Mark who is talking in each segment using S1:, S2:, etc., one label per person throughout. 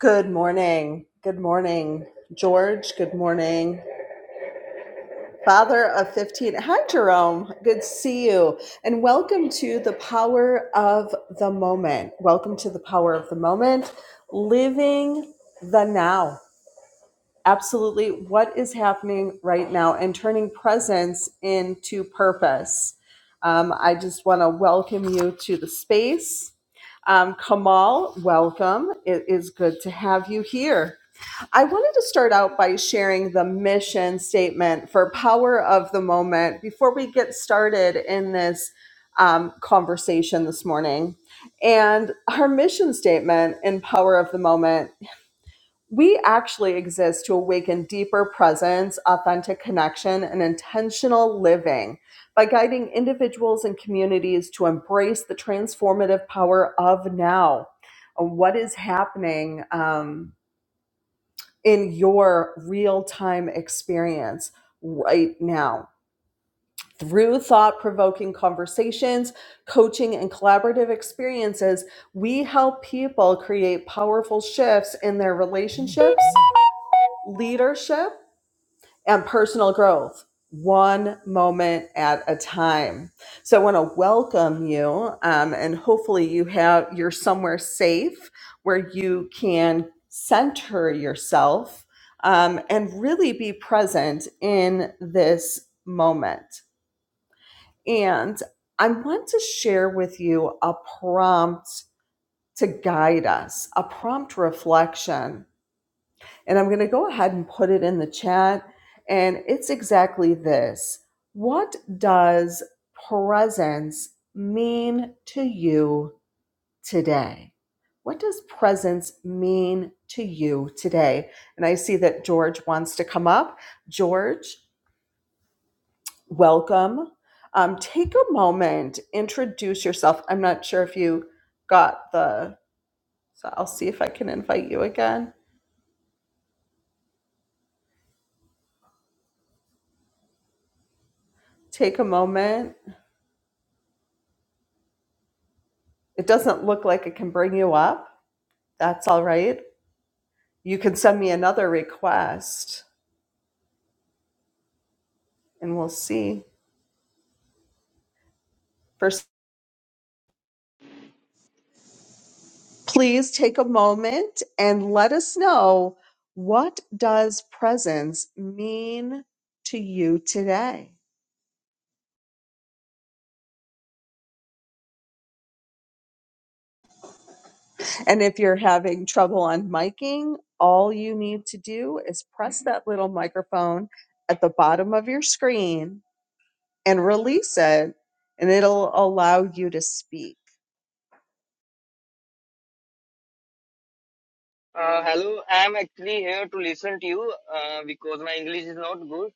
S1: Good morning. Good morning, George. Good morning, father of 15. Hi, Jerome. Good to see you. And welcome to the power of the moment. Welcome to the power of the moment, living the now. Absolutely, what is happening right now and turning presence into purpose. Um, I just want to welcome you to the space. Um, Kamal, welcome. It is good to have you here. I wanted to start out by sharing the mission statement for Power of the Moment before we get started in this um, conversation this morning. And our mission statement in Power of the Moment we actually exist to awaken deeper presence, authentic connection, and intentional living by guiding individuals and communities to embrace the transformative power of now. What is happening? um, in your real time experience right now. Through thought provoking conversations, coaching, and collaborative experiences, we help people create powerful shifts in their relationships, leadership, and personal growth one moment at a time so i want to welcome you um, and hopefully you have you're somewhere safe where you can center yourself um, and really be present in this moment and i want to share with you a prompt to guide us a prompt reflection and I'm going to go ahead and put it in the chat. And it's exactly this What does presence mean to you today? What does presence mean to you today? And I see that George wants to come up. George, welcome. Um, take a moment, introduce yourself. I'm not sure if you got the, so I'll see if I can invite you again. Take a moment it doesn't look like it can bring you up, that's all right. You can send me another request and we'll see. First, please take a moment and let us know what does presence mean to you today? And if you're having trouble on miking, all you need to do is press that little microphone at the bottom of your screen and release it, and it'll allow you to speak.
S2: Uh, hello, I'm actually here to listen to you uh, because my English is not good.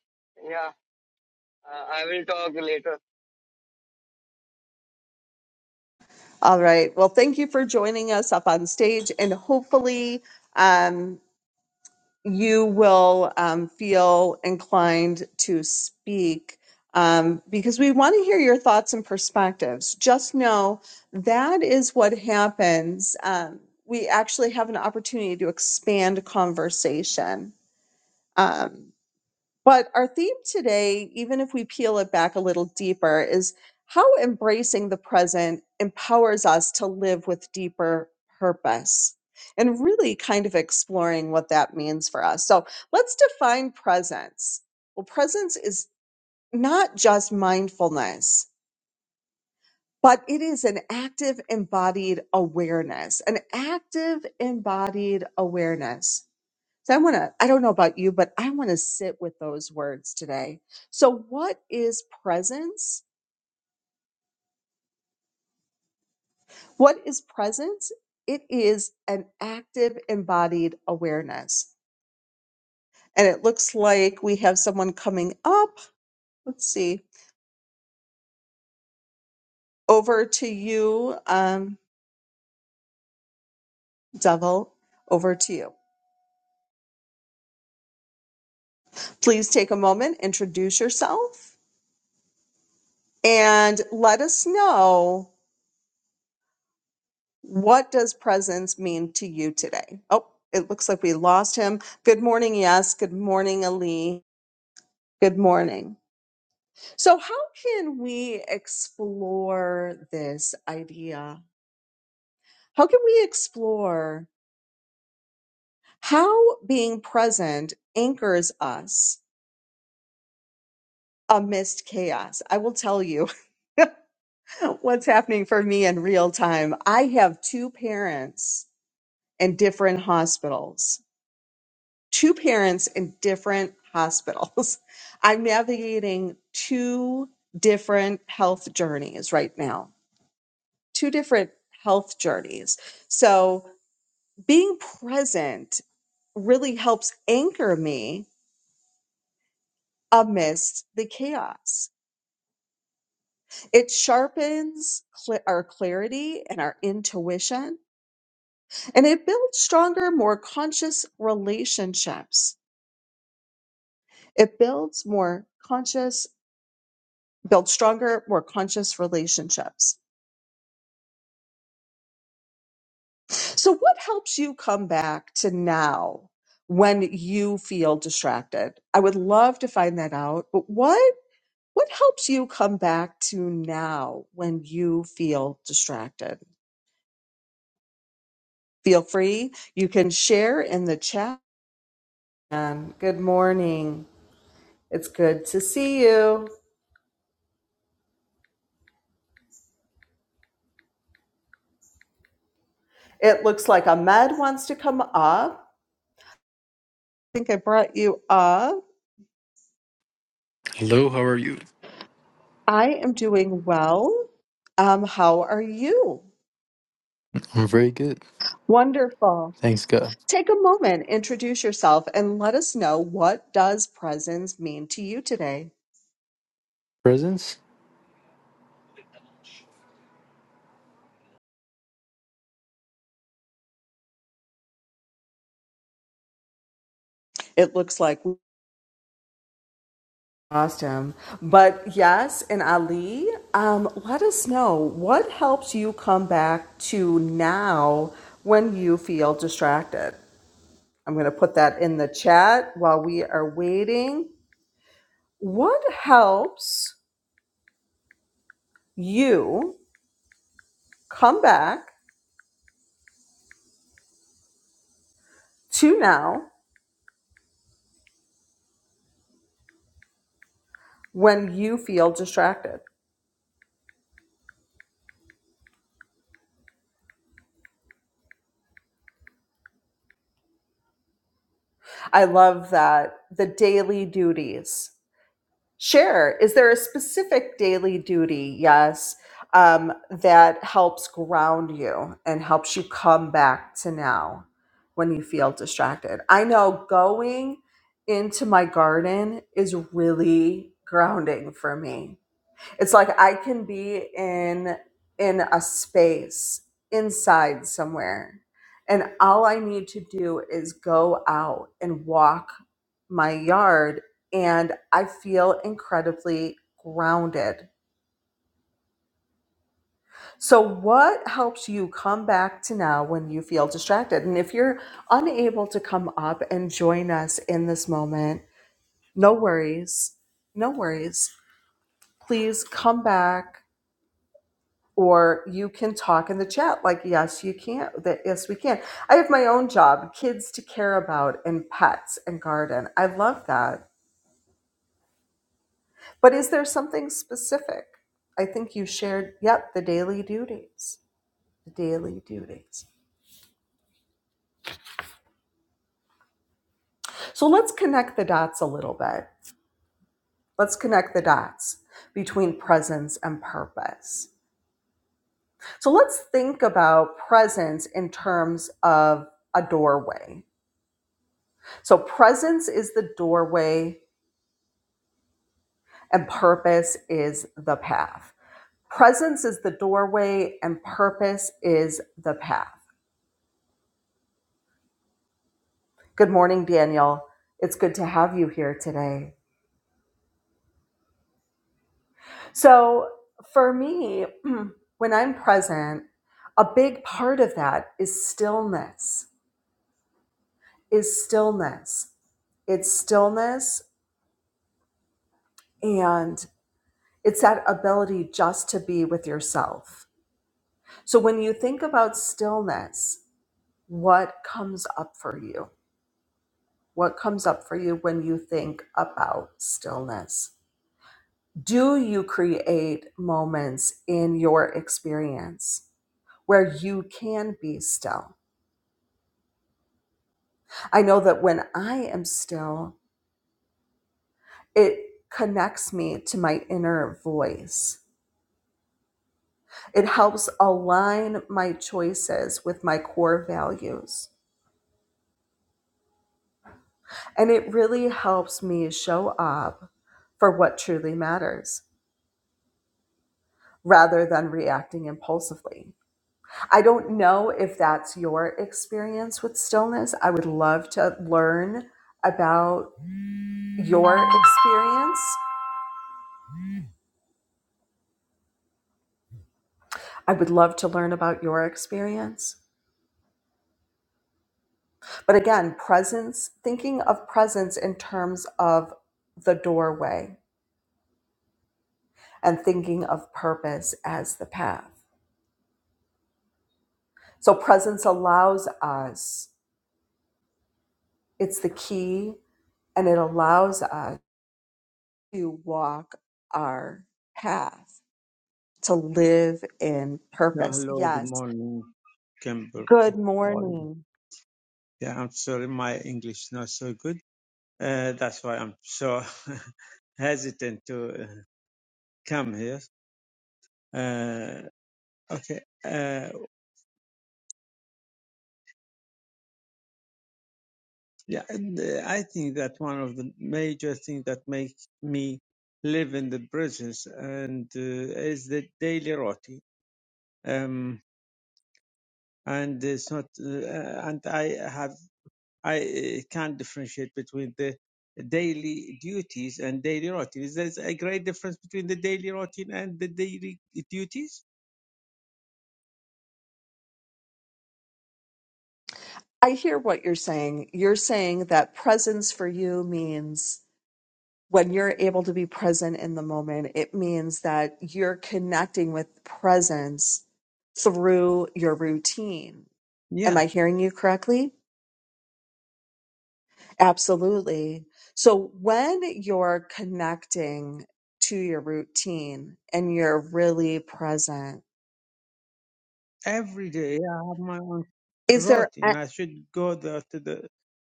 S2: Yeah, uh, I will talk later.
S1: All right. Well, thank you for joining us up on stage, and hopefully, um, you will um, feel inclined to speak um, because we want to hear your thoughts and perspectives. Just know that is what happens. Um, we actually have an opportunity to expand conversation. Um, but our theme today, even if we peel it back a little deeper, is how embracing the present empowers us to live with deeper purpose and really kind of exploring what that means for us. So let's define presence. Well, presence is not just mindfulness, but it is an active embodied awareness, an active embodied awareness. So I want to, I don't know about you, but I want to sit with those words today. So, what is presence? What is presence? It is an active embodied awareness. And it looks like we have someone coming up. Let's see. Over to you, um, Devil. Over to you. Please take a moment, introduce yourself, and let us know. What does presence mean to you today? Oh, it looks like we lost him. Good morning, yes. Good morning, Ali. Good morning. So, how can we explore this idea? How can we explore how being present anchors us amidst chaos? I will tell you what's happening for me in real time. I have two parents in different hospitals two parents in different hospitals. I'm navigating two different health journeys right now, two different health journeys. So being present really helps anchor me amidst the chaos. It sharpens cl- our clarity and our intuition, and it builds stronger, more conscious relationships. It builds more conscious build stronger, more conscious relationships. So, what helps you come back to now when you feel distracted? I would love to find that out, but what what helps you come back to now when you feel distracted? Feel free. You can share in the chat. And good morning. It's good to see you. It looks like Ahmed wants to come up. I think I brought you up.
S3: Hello, how are you?
S1: I am doing well. Um, how are you?
S3: I'm very good.
S1: Wonderful.
S3: Thanks, God.
S1: Take a moment, introduce yourself, and let us know what does presence mean to you today.
S3: Presents?
S1: It looks like we lost him, but yes, and Ali, um, let us know what helps you come back to now when you feel distracted. I'm going to put that in the chat while we are waiting. What helps you come back? to now when you feel distracted. I love that the daily duties. Share. Is there a specific daily duty? Yes. Um, that helps ground you and helps you come back to now when you feel distracted. I know going into my garden is really grounding for me It's like I can be in in a space inside somewhere and all I need to do is go out and walk my yard and I feel incredibly grounded. So what helps you come back to now when you feel distracted? And if you're unable to come up and join us in this moment, no worries. No worries. Please come back or you can talk in the chat like yes you can that yes we can i have my own job kids to care about and pets and garden i love that but is there something specific i think you shared yep the daily duties the daily duties so let's connect the dots a little bit let's connect the dots between presence and purpose so let's think about presence in terms of a doorway so presence is the doorway and purpose is the path. Presence is the doorway, and purpose is the path. Good morning, Daniel. It's good to have you here today. So, for me, when I'm present, a big part of that is stillness, is stillness. It's stillness and it's that ability just to be with yourself. So, when you think about stillness, what comes up for you? What comes up for you when you think about stillness? Do you create moments in your experience where you can be still? I know that when I am still, it connects me to my inner voice. It helps align my choices with my core values. And it really helps me show up for what truly matters rather than reacting impulsively. I don't know if that's your experience with stillness. I would love to learn about your experience. I would love to learn about your experience. But again, presence, thinking of presence in terms of the doorway and thinking of purpose as the path. So presence allows us, it's the key, and it allows us to walk our path to live in
S4: No,
S1: purpose.
S4: hello, good
S1: Yes.
S4: morning, Kimberly.
S1: Good
S4: How are you?
S1: morning.
S4: Yeah, I'm sorry, my English not so good. Uh, that's why I'm so hesitant to uh, come here. Uh, okay. Uh, yeah, and, uh, I think that one of the major things that make me live in the prisons and uh, is the daily routine. Um, and it's not, uh, and I have I uh, can't differentiate between the daily duties and daily routines. There's a great difference between the daily routine and the daily duties.
S1: I hear what you're saying. You're saying that presence for you means when you're able to be present in the moment, it means that you're connecting with presence through your routine. Am
S4: Yeah,
S1: I hearing you correctly? Absolutely. So when you're connecting to your routine and you're really present,
S4: every day I have my own
S1: is there
S4: routine. I should go there to the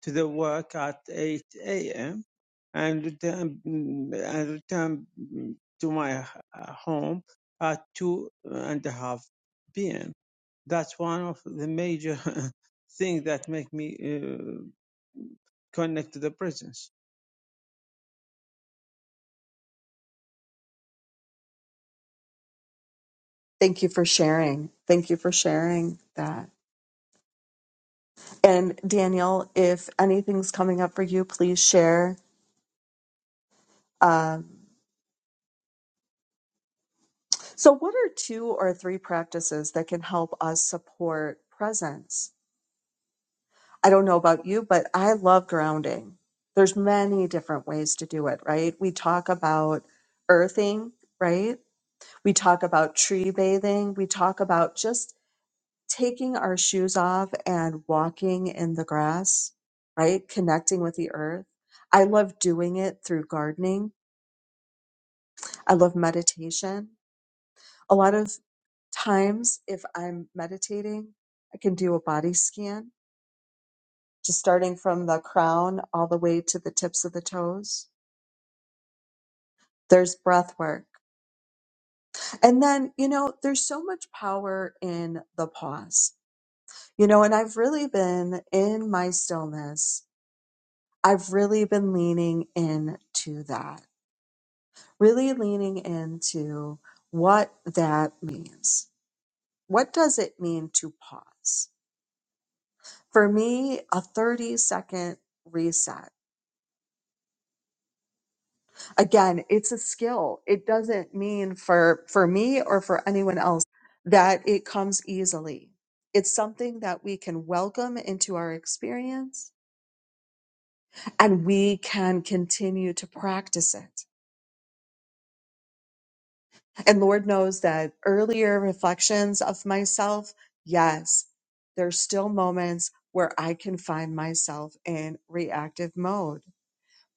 S4: to the work at 8 a.m. and return mm, and return mm, to my h- home at two and a half p.m. That's one of the major things that make me uh, connect to the presence.
S1: Thank you for sharing. Thank you for sharing that. And Daniel, if anything's coming up for you, please share. Um, so, what are two or three practices that can help us support presence? I don't know about you, but I love grounding. There's many different ways to do it, right? We talk about earthing, right? We talk about tree bathing. We talk about just taking our shoes off and walking in the grass, right? Connecting with the earth. I love doing it through gardening. I love meditation. A lot of times, if I'm meditating, I can do a body scan, just starting from the crown all the way to the tips of the toes. There's breath work. And then, you know, there's so much power in the pause. You know, and I've really been in my stillness I've really been leaning into that, really leaning into what that means. What does it mean to pause? For me, a 30 second reset. Again, it's a skill. It doesn't mean for, for me or for anyone else that it comes easily. It's something that we can welcome into our experience and we can continue to practice it And Lord knows that earlier reflections of myself, yes, there's still moments where I can find myself in reactive mode,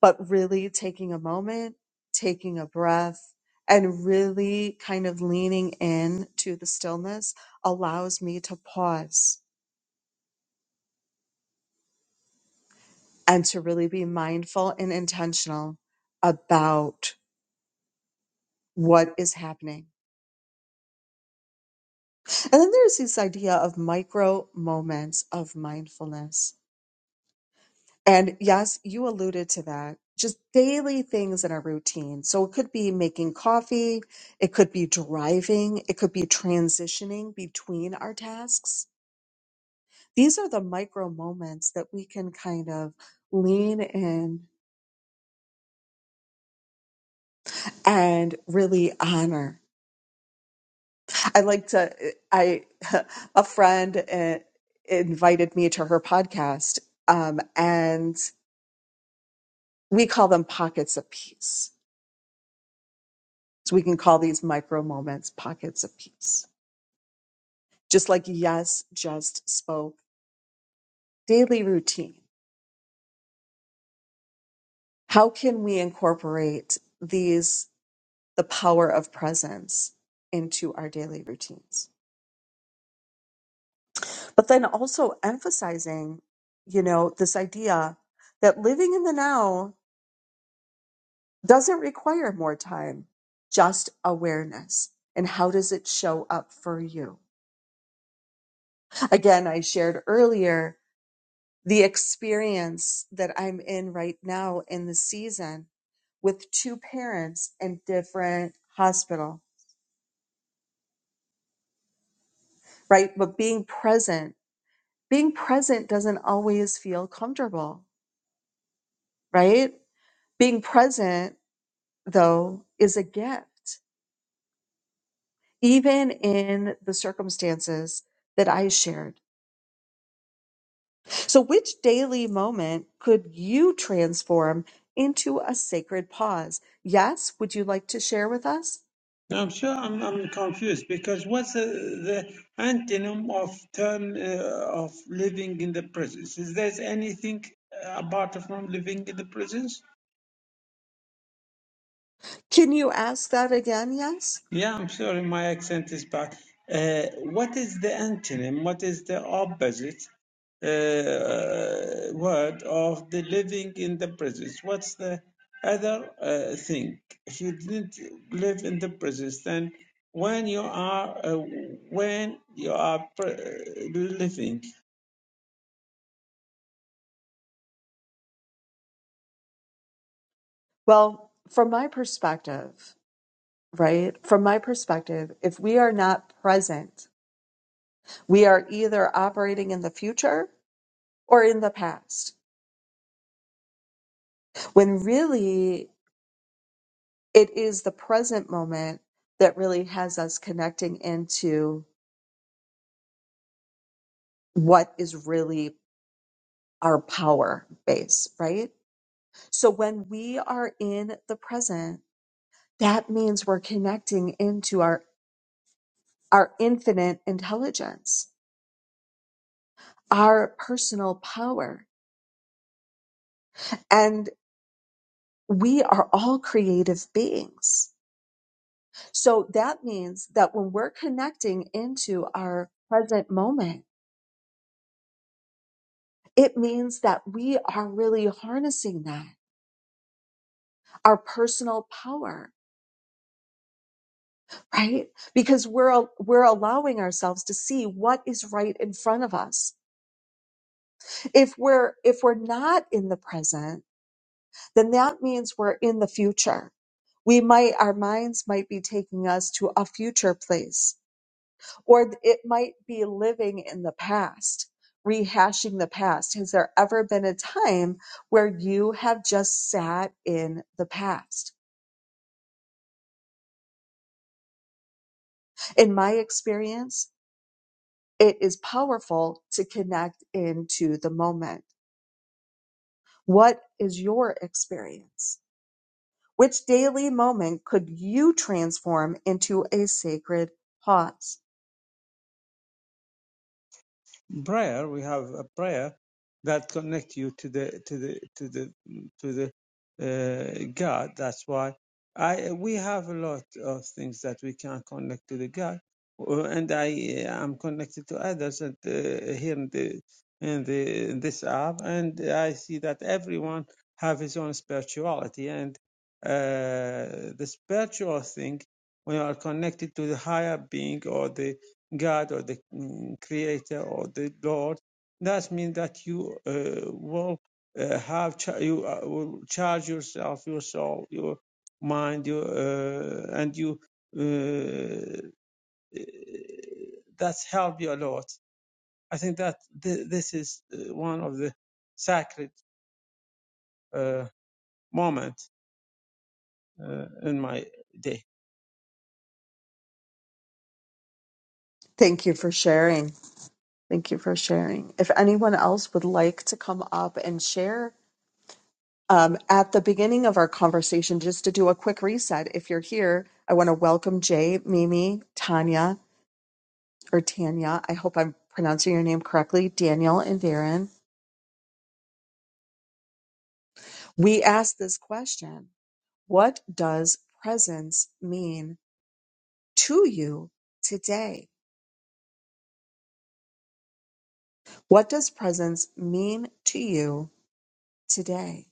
S1: but really taking a moment, taking a breath, and really kind of leaning in to the stillness allows me to pause and to really be mindful and intentional about what is happening. And then there's this idea of micro moments of mindfulness And yes, you alluded to that. Just daily things in our routine. So it could be making coffee, it could be driving, it could be transitioning between our tasks. These are the micro moments that we can kind of lean in and really honor. I like to I a friend uh, invited me to her podcast um, and we call them pockets of peace. So we can call these micro moments pockets of peace just like Yes just spoke, daily routine. How can we incorporate these, the power of presence into our daily routines? But then also emphasizing, you know, this idea that living in the now doesn't require more time, just awareness. And how does it show up for you? Again, I shared earlier the experience that I'm in right now in the season with two parents in different hospital, right? But being present, being present doesn't always feel comfortable, right? Being present though is a gift, even in the circumstances that I shared. So which daily moment could you transform into a sacred pause? Yes, would you like to share with us?
S4: I'm sure I'm, I'm confused because what's the, the antonym of term uh, of living in the presence? Is there anything uh, apart from living in the presence?
S1: Can you ask that again? Yes.
S4: Yeah, I'm sorry, my accent is bad. Uh, what is the antonym? What is the opposite uh, word of the living in the presence? What's the other uh, thing? If you didn't live in the presence, then when you are uh, when you are pre- living.
S1: Well, from my perspective, right? From my perspective, if we are not present, we are either operating in the future or in the past, when really it is the present moment that really has us connecting into what is really our power base, right? So when we are in the present, that means we're connecting into our, our infinite intelligence our personal power. And we are all creative beings. So that means that when we're connecting into our present moment, it means that we are really harnessing that, our personal power, right? Because we're, we're allowing ourselves to see what is right in front of us. If we're, if we're not in the present, then that means we're in the future. We might, our minds might be taking us to a future place Or it might be living in the past, rehashing the past. Has there ever been a time where you have just sat in the past? In my experience, it is powerful to connect into the moment. What is your experience? Which daily moment could you transform into a sacred pause?
S4: prayer we have a prayer that connect you to the to the to the to the uh, God. That's why I we have a lot of things that we can connect to the God, Uh, and I uh, am connected to others and uh, here in the in the in this app, and I see that everyone have his own spirituality and uh, the spiritual thing. When you are connected to the higher being or the God or the mm, Creator or the Lord, that means that you uh, will uh, have cha- you uh, will charge yourself, your soul, your mind, your uh, and you uh, that's help you a lot. I think that th- this is uh, one of the sacred uh, moment uh, in my day.
S1: Thank you for sharing. Thank you for sharing. If anyone else would like to come up and share, um, at the beginning of our conversation, just to do a quick reset, if you're here, I want to welcome Jay, Mimi, Tanya, or Tanya. I hope I'm pronouncing your name correctly, Daniel and Darren. We asked this question What does presence mean to you today? What does presence mean to you today?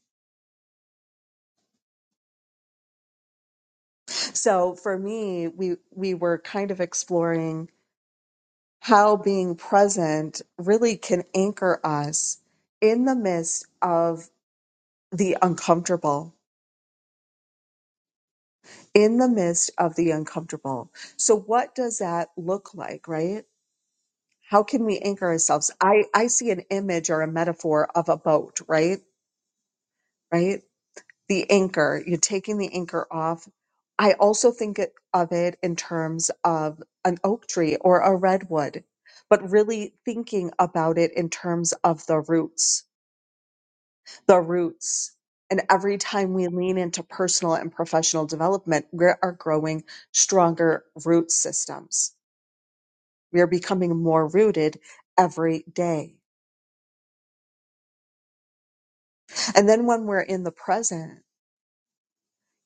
S1: So for me, we, we were kind of exploring how being present really can anchor us in the midst of the uncomfortable, in the midst of the uncomfortable. So, what does that look like, right? How can we anchor ourselves? I, I see an image or a metaphor of a boat, right? Right? The anchor, you're taking the anchor off. I also think it- of it in terms of an oak tree or a redwood, but really thinking about it in terms of the roots the roots. And every time we lean into personal and professional development, we are growing stronger root systems. We are becoming more rooted every day. And then when we're in the present,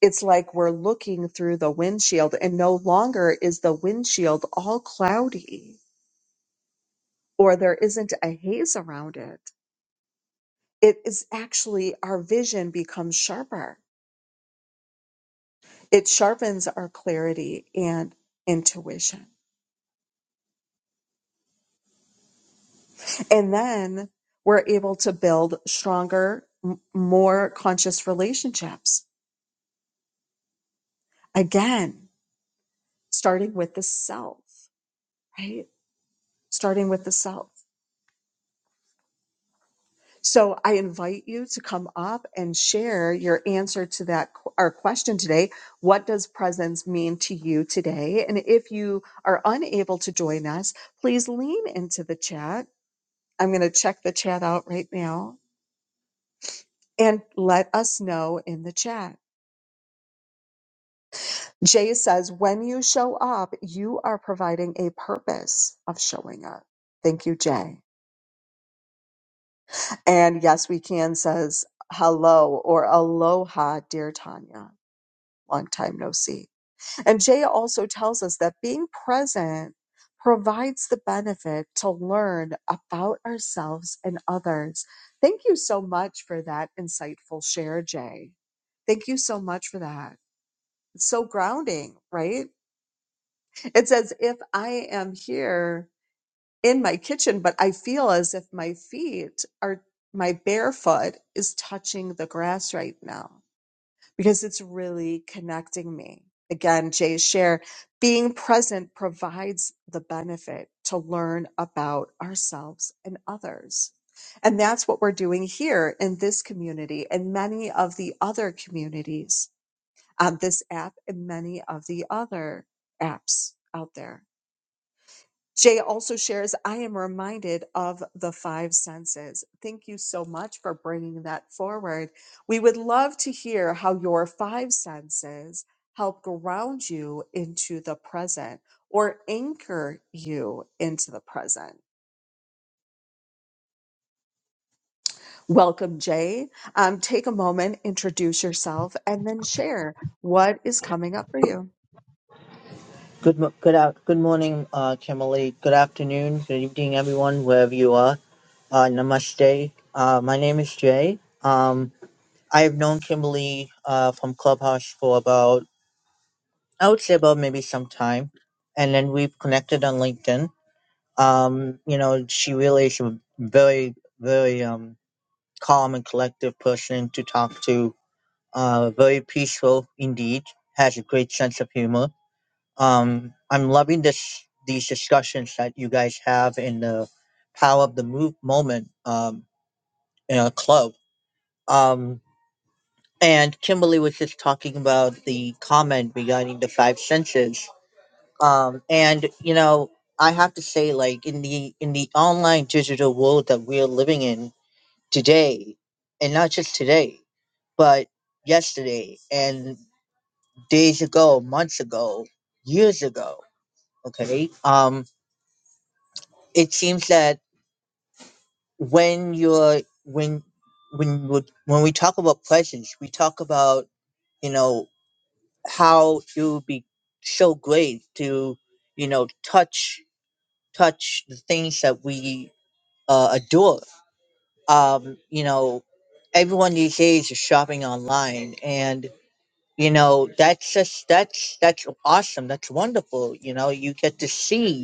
S1: it's like we're looking through the windshield and no longer is the windshield all cloudy or there isn't a haze around it. It is actually our vision becomes sharper. It sharpens our clarity and intuition. And then we're able to build stronger, m- more conscious relationships. Again, starting with the self, right? Starting with the self. So I invite you to come up and share your answer to that qu- our question today. What does presence mean to you today? And if you are unable to join us, please lean into the chat. I'm going to check the chat out right now and let us know in the chat. Jay says, when you show up, you are providing a purpose of showing up. Thank you, Jay. And yes, we can says, hello or aloha, dear Tanya. Long time no see. And Jay also tells us that being present provides the benefit to learn about ourselves and others. Thank you so much for that insightful share, Jay. Thank you so much for that. It's so grounding, right? It's as if I am here in my kitchen, but I feel as if my feet are, my bare foot is touching the grass right now because it's really connecting me. Again, Jay's share, being present provides the benefit to learn about ourselves and others. And that's what we're doing here in this community and many of the other communities on this app and many of the other apps out there Jay also shares, I am reminded of the five senses. Thank you so much for bringing that forward. We would love to hear how your five senses help ground you into the present or anchor you into the present. Welcome, Jay. Um, take a moment, introduce yourself, and then share what is coming up for you.
S5: Good, mo- good out. Good morning, uh, Kimberly. Good afternoon. Good evening, everyone, wherever you are. Uh, namaste. Uh, my name is Jay. Um, I have known Kimberly uh, from Clubhouse for about, I would say, about maybe some time, and then we've connected on LinkedIn. Um, you know, she really is a very, very um, calm and collective person to talk to. Uh, very peaceful indeed. Has a great sense of humor um, I'm loving this these discussions that you guys have in the power of the move moment um, in a club. Um, and Kimberly was just talking about the comment regarding the five senses. Um, and you know, I have to say, like in the in the online digital world that we're living in today, and not just today, but yesterday and days ago, months ago, years ago. Okay. Um, it seems that when you're when when we- when we talk about presence, we talk about you know how to be so great to you know touch touch the things that we uh, adore. Um, you know, everyone these days is shopping online, and you know that's just that's that's awesome. That's wonderful. You know, you get to see.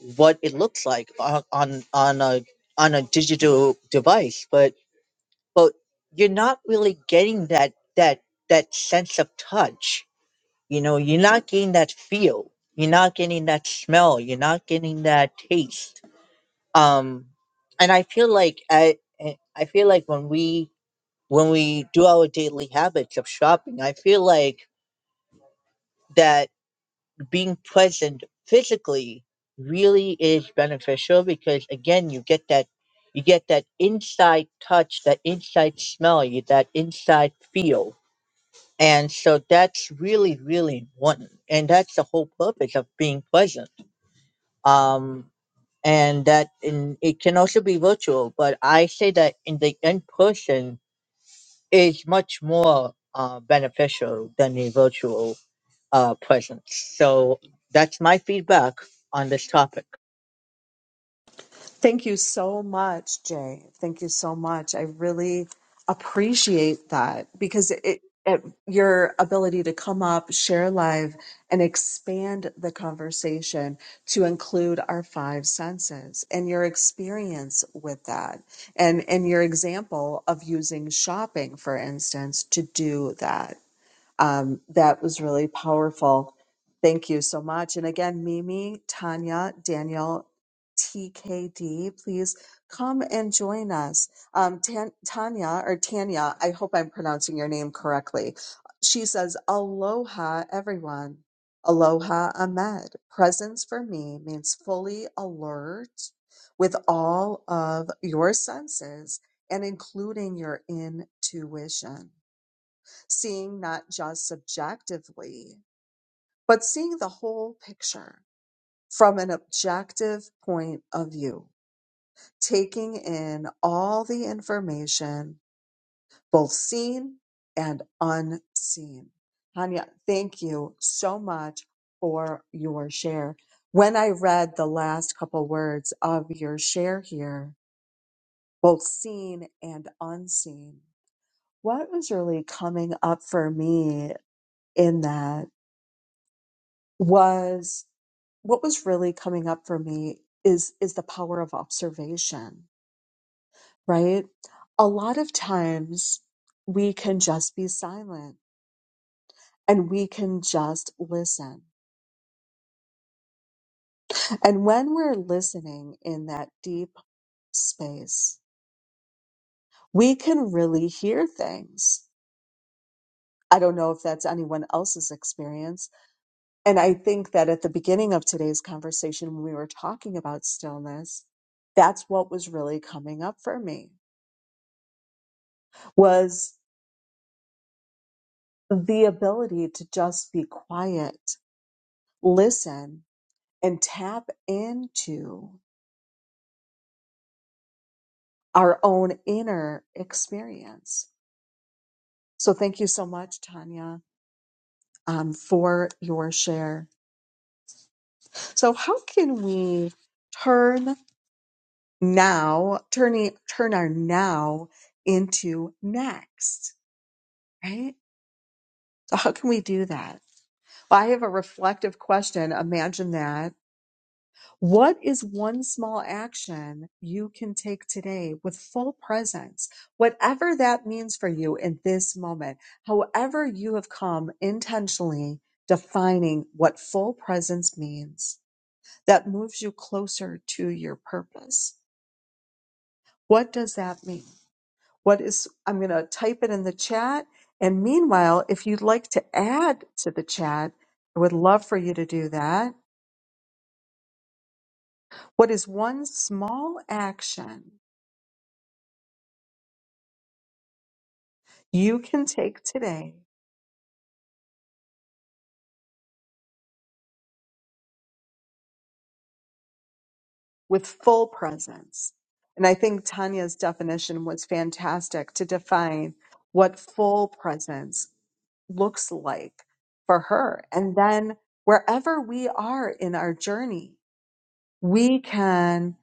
S5: what it looks like on on, on a on a digital device but but you're not really getting that that that sense of touch you know you're not getting that feel you're not getting that smell you're not getting that taste um and i feel like i i I feel like when we when we do our daily habits of shopping i feel like that being present physically really is beneficial because again you get that you get that inside touch that inside smell you that inside feel and so that's really really important and that's the whole purpose of being present um and that in it can also be virtual but i say that in the in person is much more uh, beneficial than the virtual uh, presence. So that's my feedback on this topic.
S1: Thank you so much, Jay. Thank you so much. I really appreciate that because it, it your ability to come up, share live, and expand the conversation to include our five senses and your experience with that, and and your example of using shopping, for instance, to do that. Um, that was really powerful. Thank you so much. And again, Mimi, Tanya, Daniel, TKD, please come and join us. Um, Tan- Tanya or Tanya, I hope I'm pronouncing your name correctly. She says, Aloha, everyone. Aloha, Ahmed. Presence for me means fully alert with all of your senses and including your intuition seeing not just subjectively, but seeing the whole picture from an objective point of view, taking in all the information, both seen and unseen. Hanya, thank you so much for your share. When I read the last couple words of your share here, both seen and unseen, what was really coming up for me in that? was what was really coming up for me is is the power of observation right a lot of times we can just be silent and we can just listen and when we're listening in that deep space we can really hear things i don't know if that's anyone else's experience and i think that at the beginning of today's conversation when we were talking about stillness that's what was really coming up for me was the ability to just be quiet, listen, and tap into our own inner experience. So, thank you so much, Tanya, um, for your share. So, how can we turn now, turning, turn our now into next, right? So, how can we do that? Well, I have a reflective question. Imagine that What is one small action you can take today with full presence? Whatever that means for you in this moment, however you have come intentionally defining what full presence means that moves you closer to your purpose. What does that mean? What is, I'm going to type it in the chat. And meanwhile, if you'd like to add to the chat, I would love for you to do that. What is one small action? you can take today with full presence. And I think Tanya's definition was fantastic to define what full presence looks like for her. And then wherever we are in our journey, we can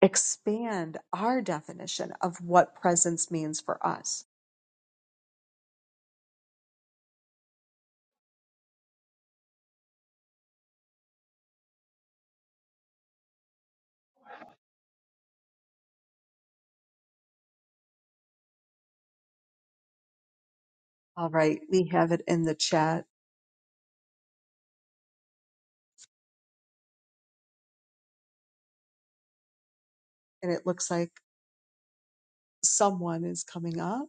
S1: expand our definition of what presence means for us. All right, we have it in the chat, and it looks like someone is coming up.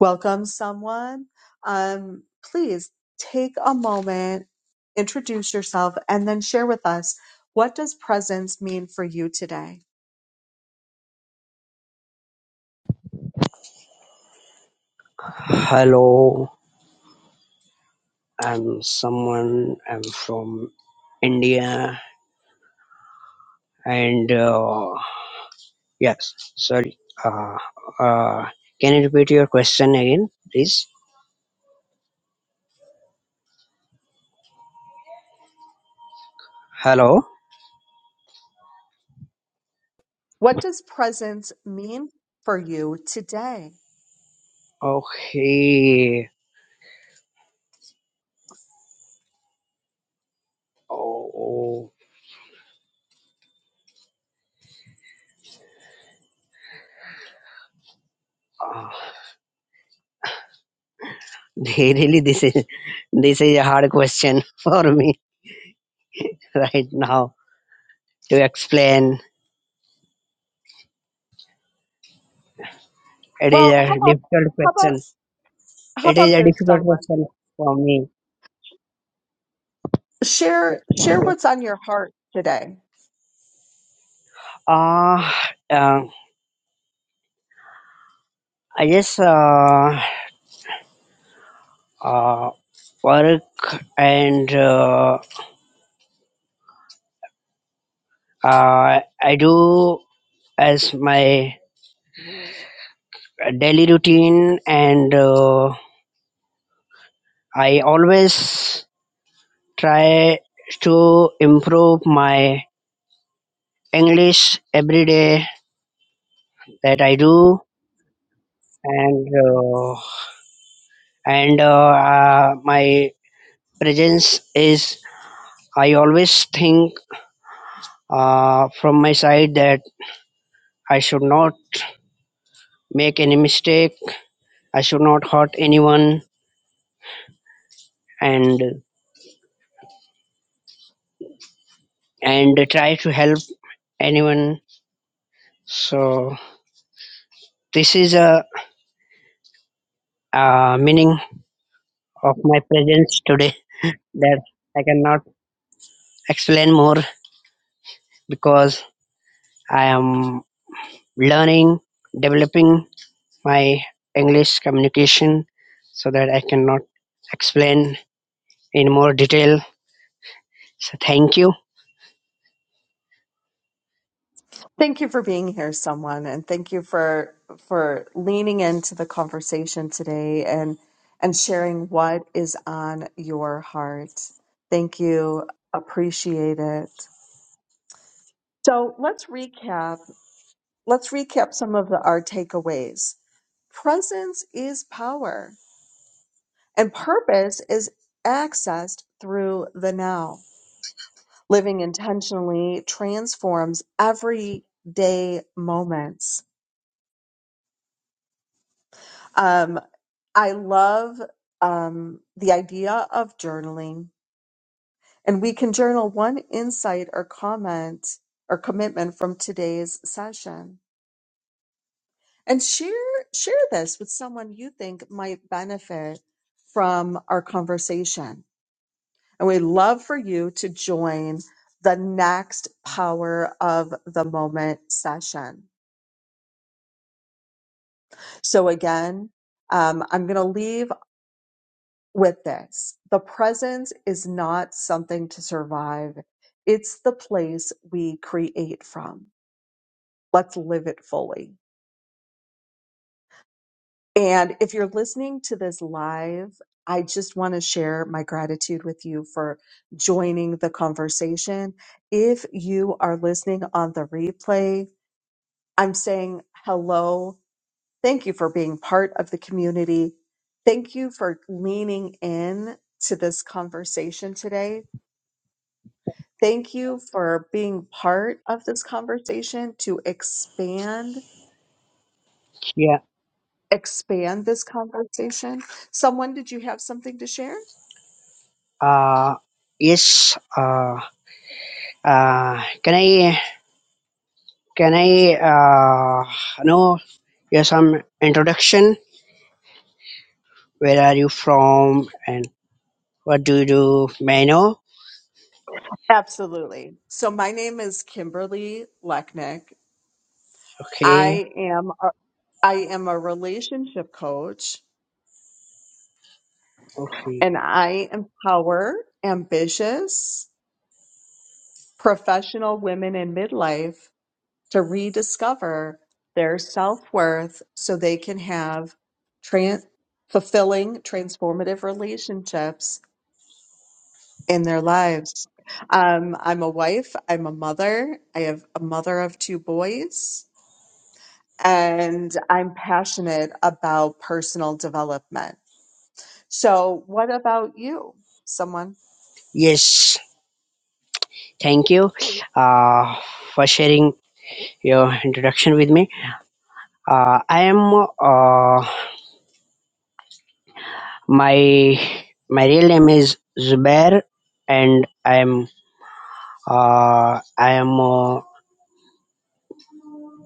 S1: welcome someone, um, please take a moment, introduce yourself, and then share with us what does presence mean for you today?
S6: Hello, I'm someone. I'm from India, and uh, yes, sorry. Uh, uh, can you repeat your question again, please? Hello.
S1: What does presence mean for you today?
S6: Okay. Oh, uh, they really, this is this is a hard question for me right now to explain. It is
S1: Well, how
S6: a
S1: about
S6: difficult
S1: how about
S6: question.
S1: how
S6: It is
S1: about
S6: a
S1: this
S6: difficult
S1: someone?
S6: question for me.
S1: Share share what's on your heart today.
S6: Ah. Uh, I just uh, uh, work and uh, uh, I do as my daily routine, and uh, I always try to improve my English every day that I do, and uh, and uh, uh, my presence is I always think uh, from my side that I should not make any mistake I should not hurt anyone and and try to help anyone. So this is a, uh meaning of my presence today that I cannot explain more because I am learning, developing my English communication so that I cannot explain in more detail. So thank you.
S1: Thank you for being here, someone, and thank you for for leaning into the conversation today and and sharing what is on your heart. Thank you. Appreciate it. So let's recap. Let's recap some of the, our takeaways. Presence is power, and purpose is accessed through the now. Living intentionally transforms everyday moments Um, I love um, the idea of journaling, and we can journal one insight or comment or commitment from today's session, and share share this with someone you think might benefit from our conversation. And we'd love for you to join the next Power of the Moment session. So again, um, I'm going to leave. with this. The presence is not something to survive, it's the place we create from. Let's live it fully. And if you're listening to this live, I just want to share my gratitude with you for joining the conversation. If you are listening on the replay, I'm saying hello. Thank you for being part of the community. Thank you for leaning in to this conversation today Thank you for being part of this conversation to expand
S6: Yeah.
S1: expand this conversation. Someone, did you have something to share?
S6: Uh, yes. Uh, uh, can I? Can I uh, know your some introduction? Where are you from and what do you do? May I know?
S1: Absolutely. So my name is Kimberly Lechnick.
S6: Okay,
S1: I am a, I am a relationship coach
S6: okay.
S1: and I empower ambitious professional women in midlife to rediscover their self worth so they can have tran fulfilling, transformative relationships in their lives. Um, I'm a wife, I'm a mother, I have a mother of two boys, and I'm passionate about personal development. So, what about you, someone?
S6: Yes, thank you uh, for sharing your introduction with me. Uh, I am uh, my my real name is Zubair, and I am uh, I am uh,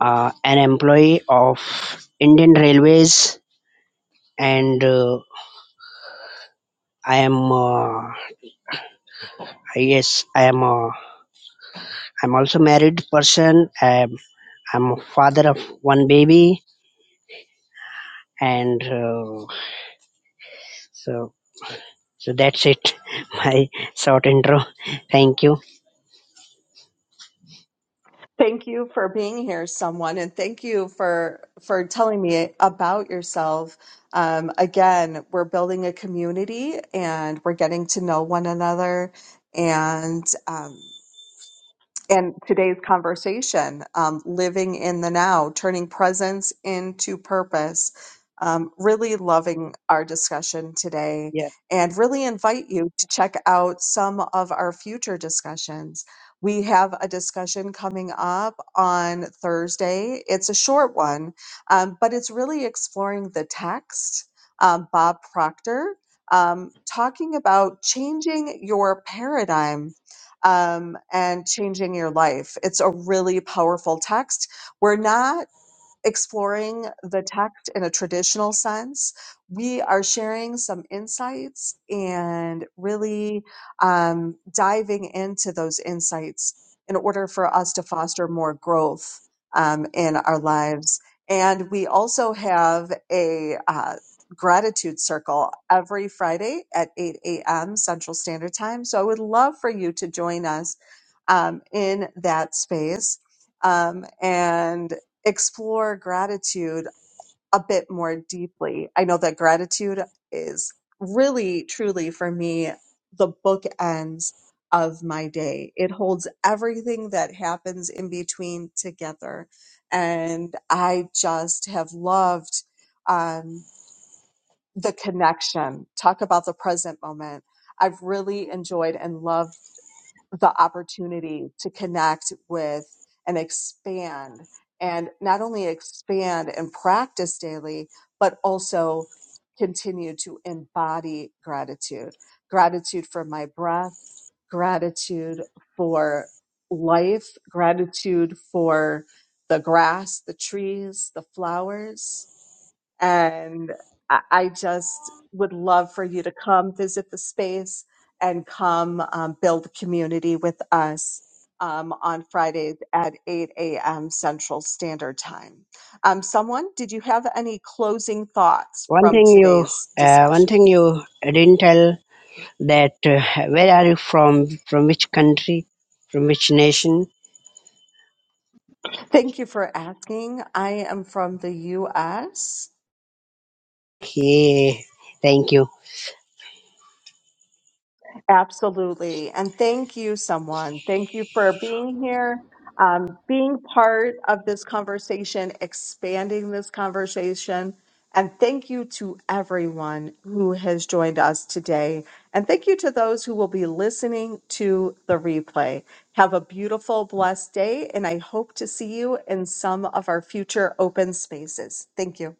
S6: uh, an employee of Indian Railways, and uh, I am. Uh, Yes, I am. A, I'm also married person. I'm, I'm a father of one baby, and uh, so so that's it. My short intro. Thank you.
S1: Thank you for being here, someone, and thank you for for telling me about yourself. Um, again, we're building a community, and we're getting to know one another, and um, and today's conversation um, living in the now turning presence into purpose um, really loving our discussion today
S6: Yeah.
S1: and really invite you to check out some of our future discussions we have a discussion coming up on thursday it's a short one um, but it's really exploring the text um, bob proctor um, talking about changing your paradigm um, and changing your life. It's a really powerful text. We're not exploring the text in a traditional sense. We are sharing some insights and really um, diving into those insights in order for us to foster more growth um, in our lives. And we also have a uh, gratitude circle every Friday at 8 a.m. Central Standard Time. So I would love for you to join us um, in that space. Um, and explore gratitude a bit more deeply. I know that gratitude is really, truly for me, the bookends of my day. It holds everything that happens in between together. And I just have loved um, the connection. Talk about the present moment. I've really enjoyed and loved the opportunity to connect with and expand and not only expand and practice daily, but also continue to embody gratitude. Gratitude for my breath, gratitude for life, gratitude for the grass, the trees, the flowers and I, I just would love for you to come visit the space and come um, build community with us um, on Fridays at 8 a.m. Central Standard Time. Um, someone, did you have any closing thoughts
S6: One
S1: from
S6: thing you,
S1: today's
S6: uh, one
S1: discussion?
S6: thing you didn't tell that uh, where are you from? From which country? From which nation?
S1: Thank you for asking. I am from the U.S.
S6: Okay. Thank you.
S1: Absolutely. And thank you, someone. Thank you for being here, um, being part of this conversation, expanding this conversation. And thank you to everyone who has joined us today. And thank you to those who will be listening to the replay. Have a beautiful, blessed day. And I hope to see you in some of our future open spaces. Thank you.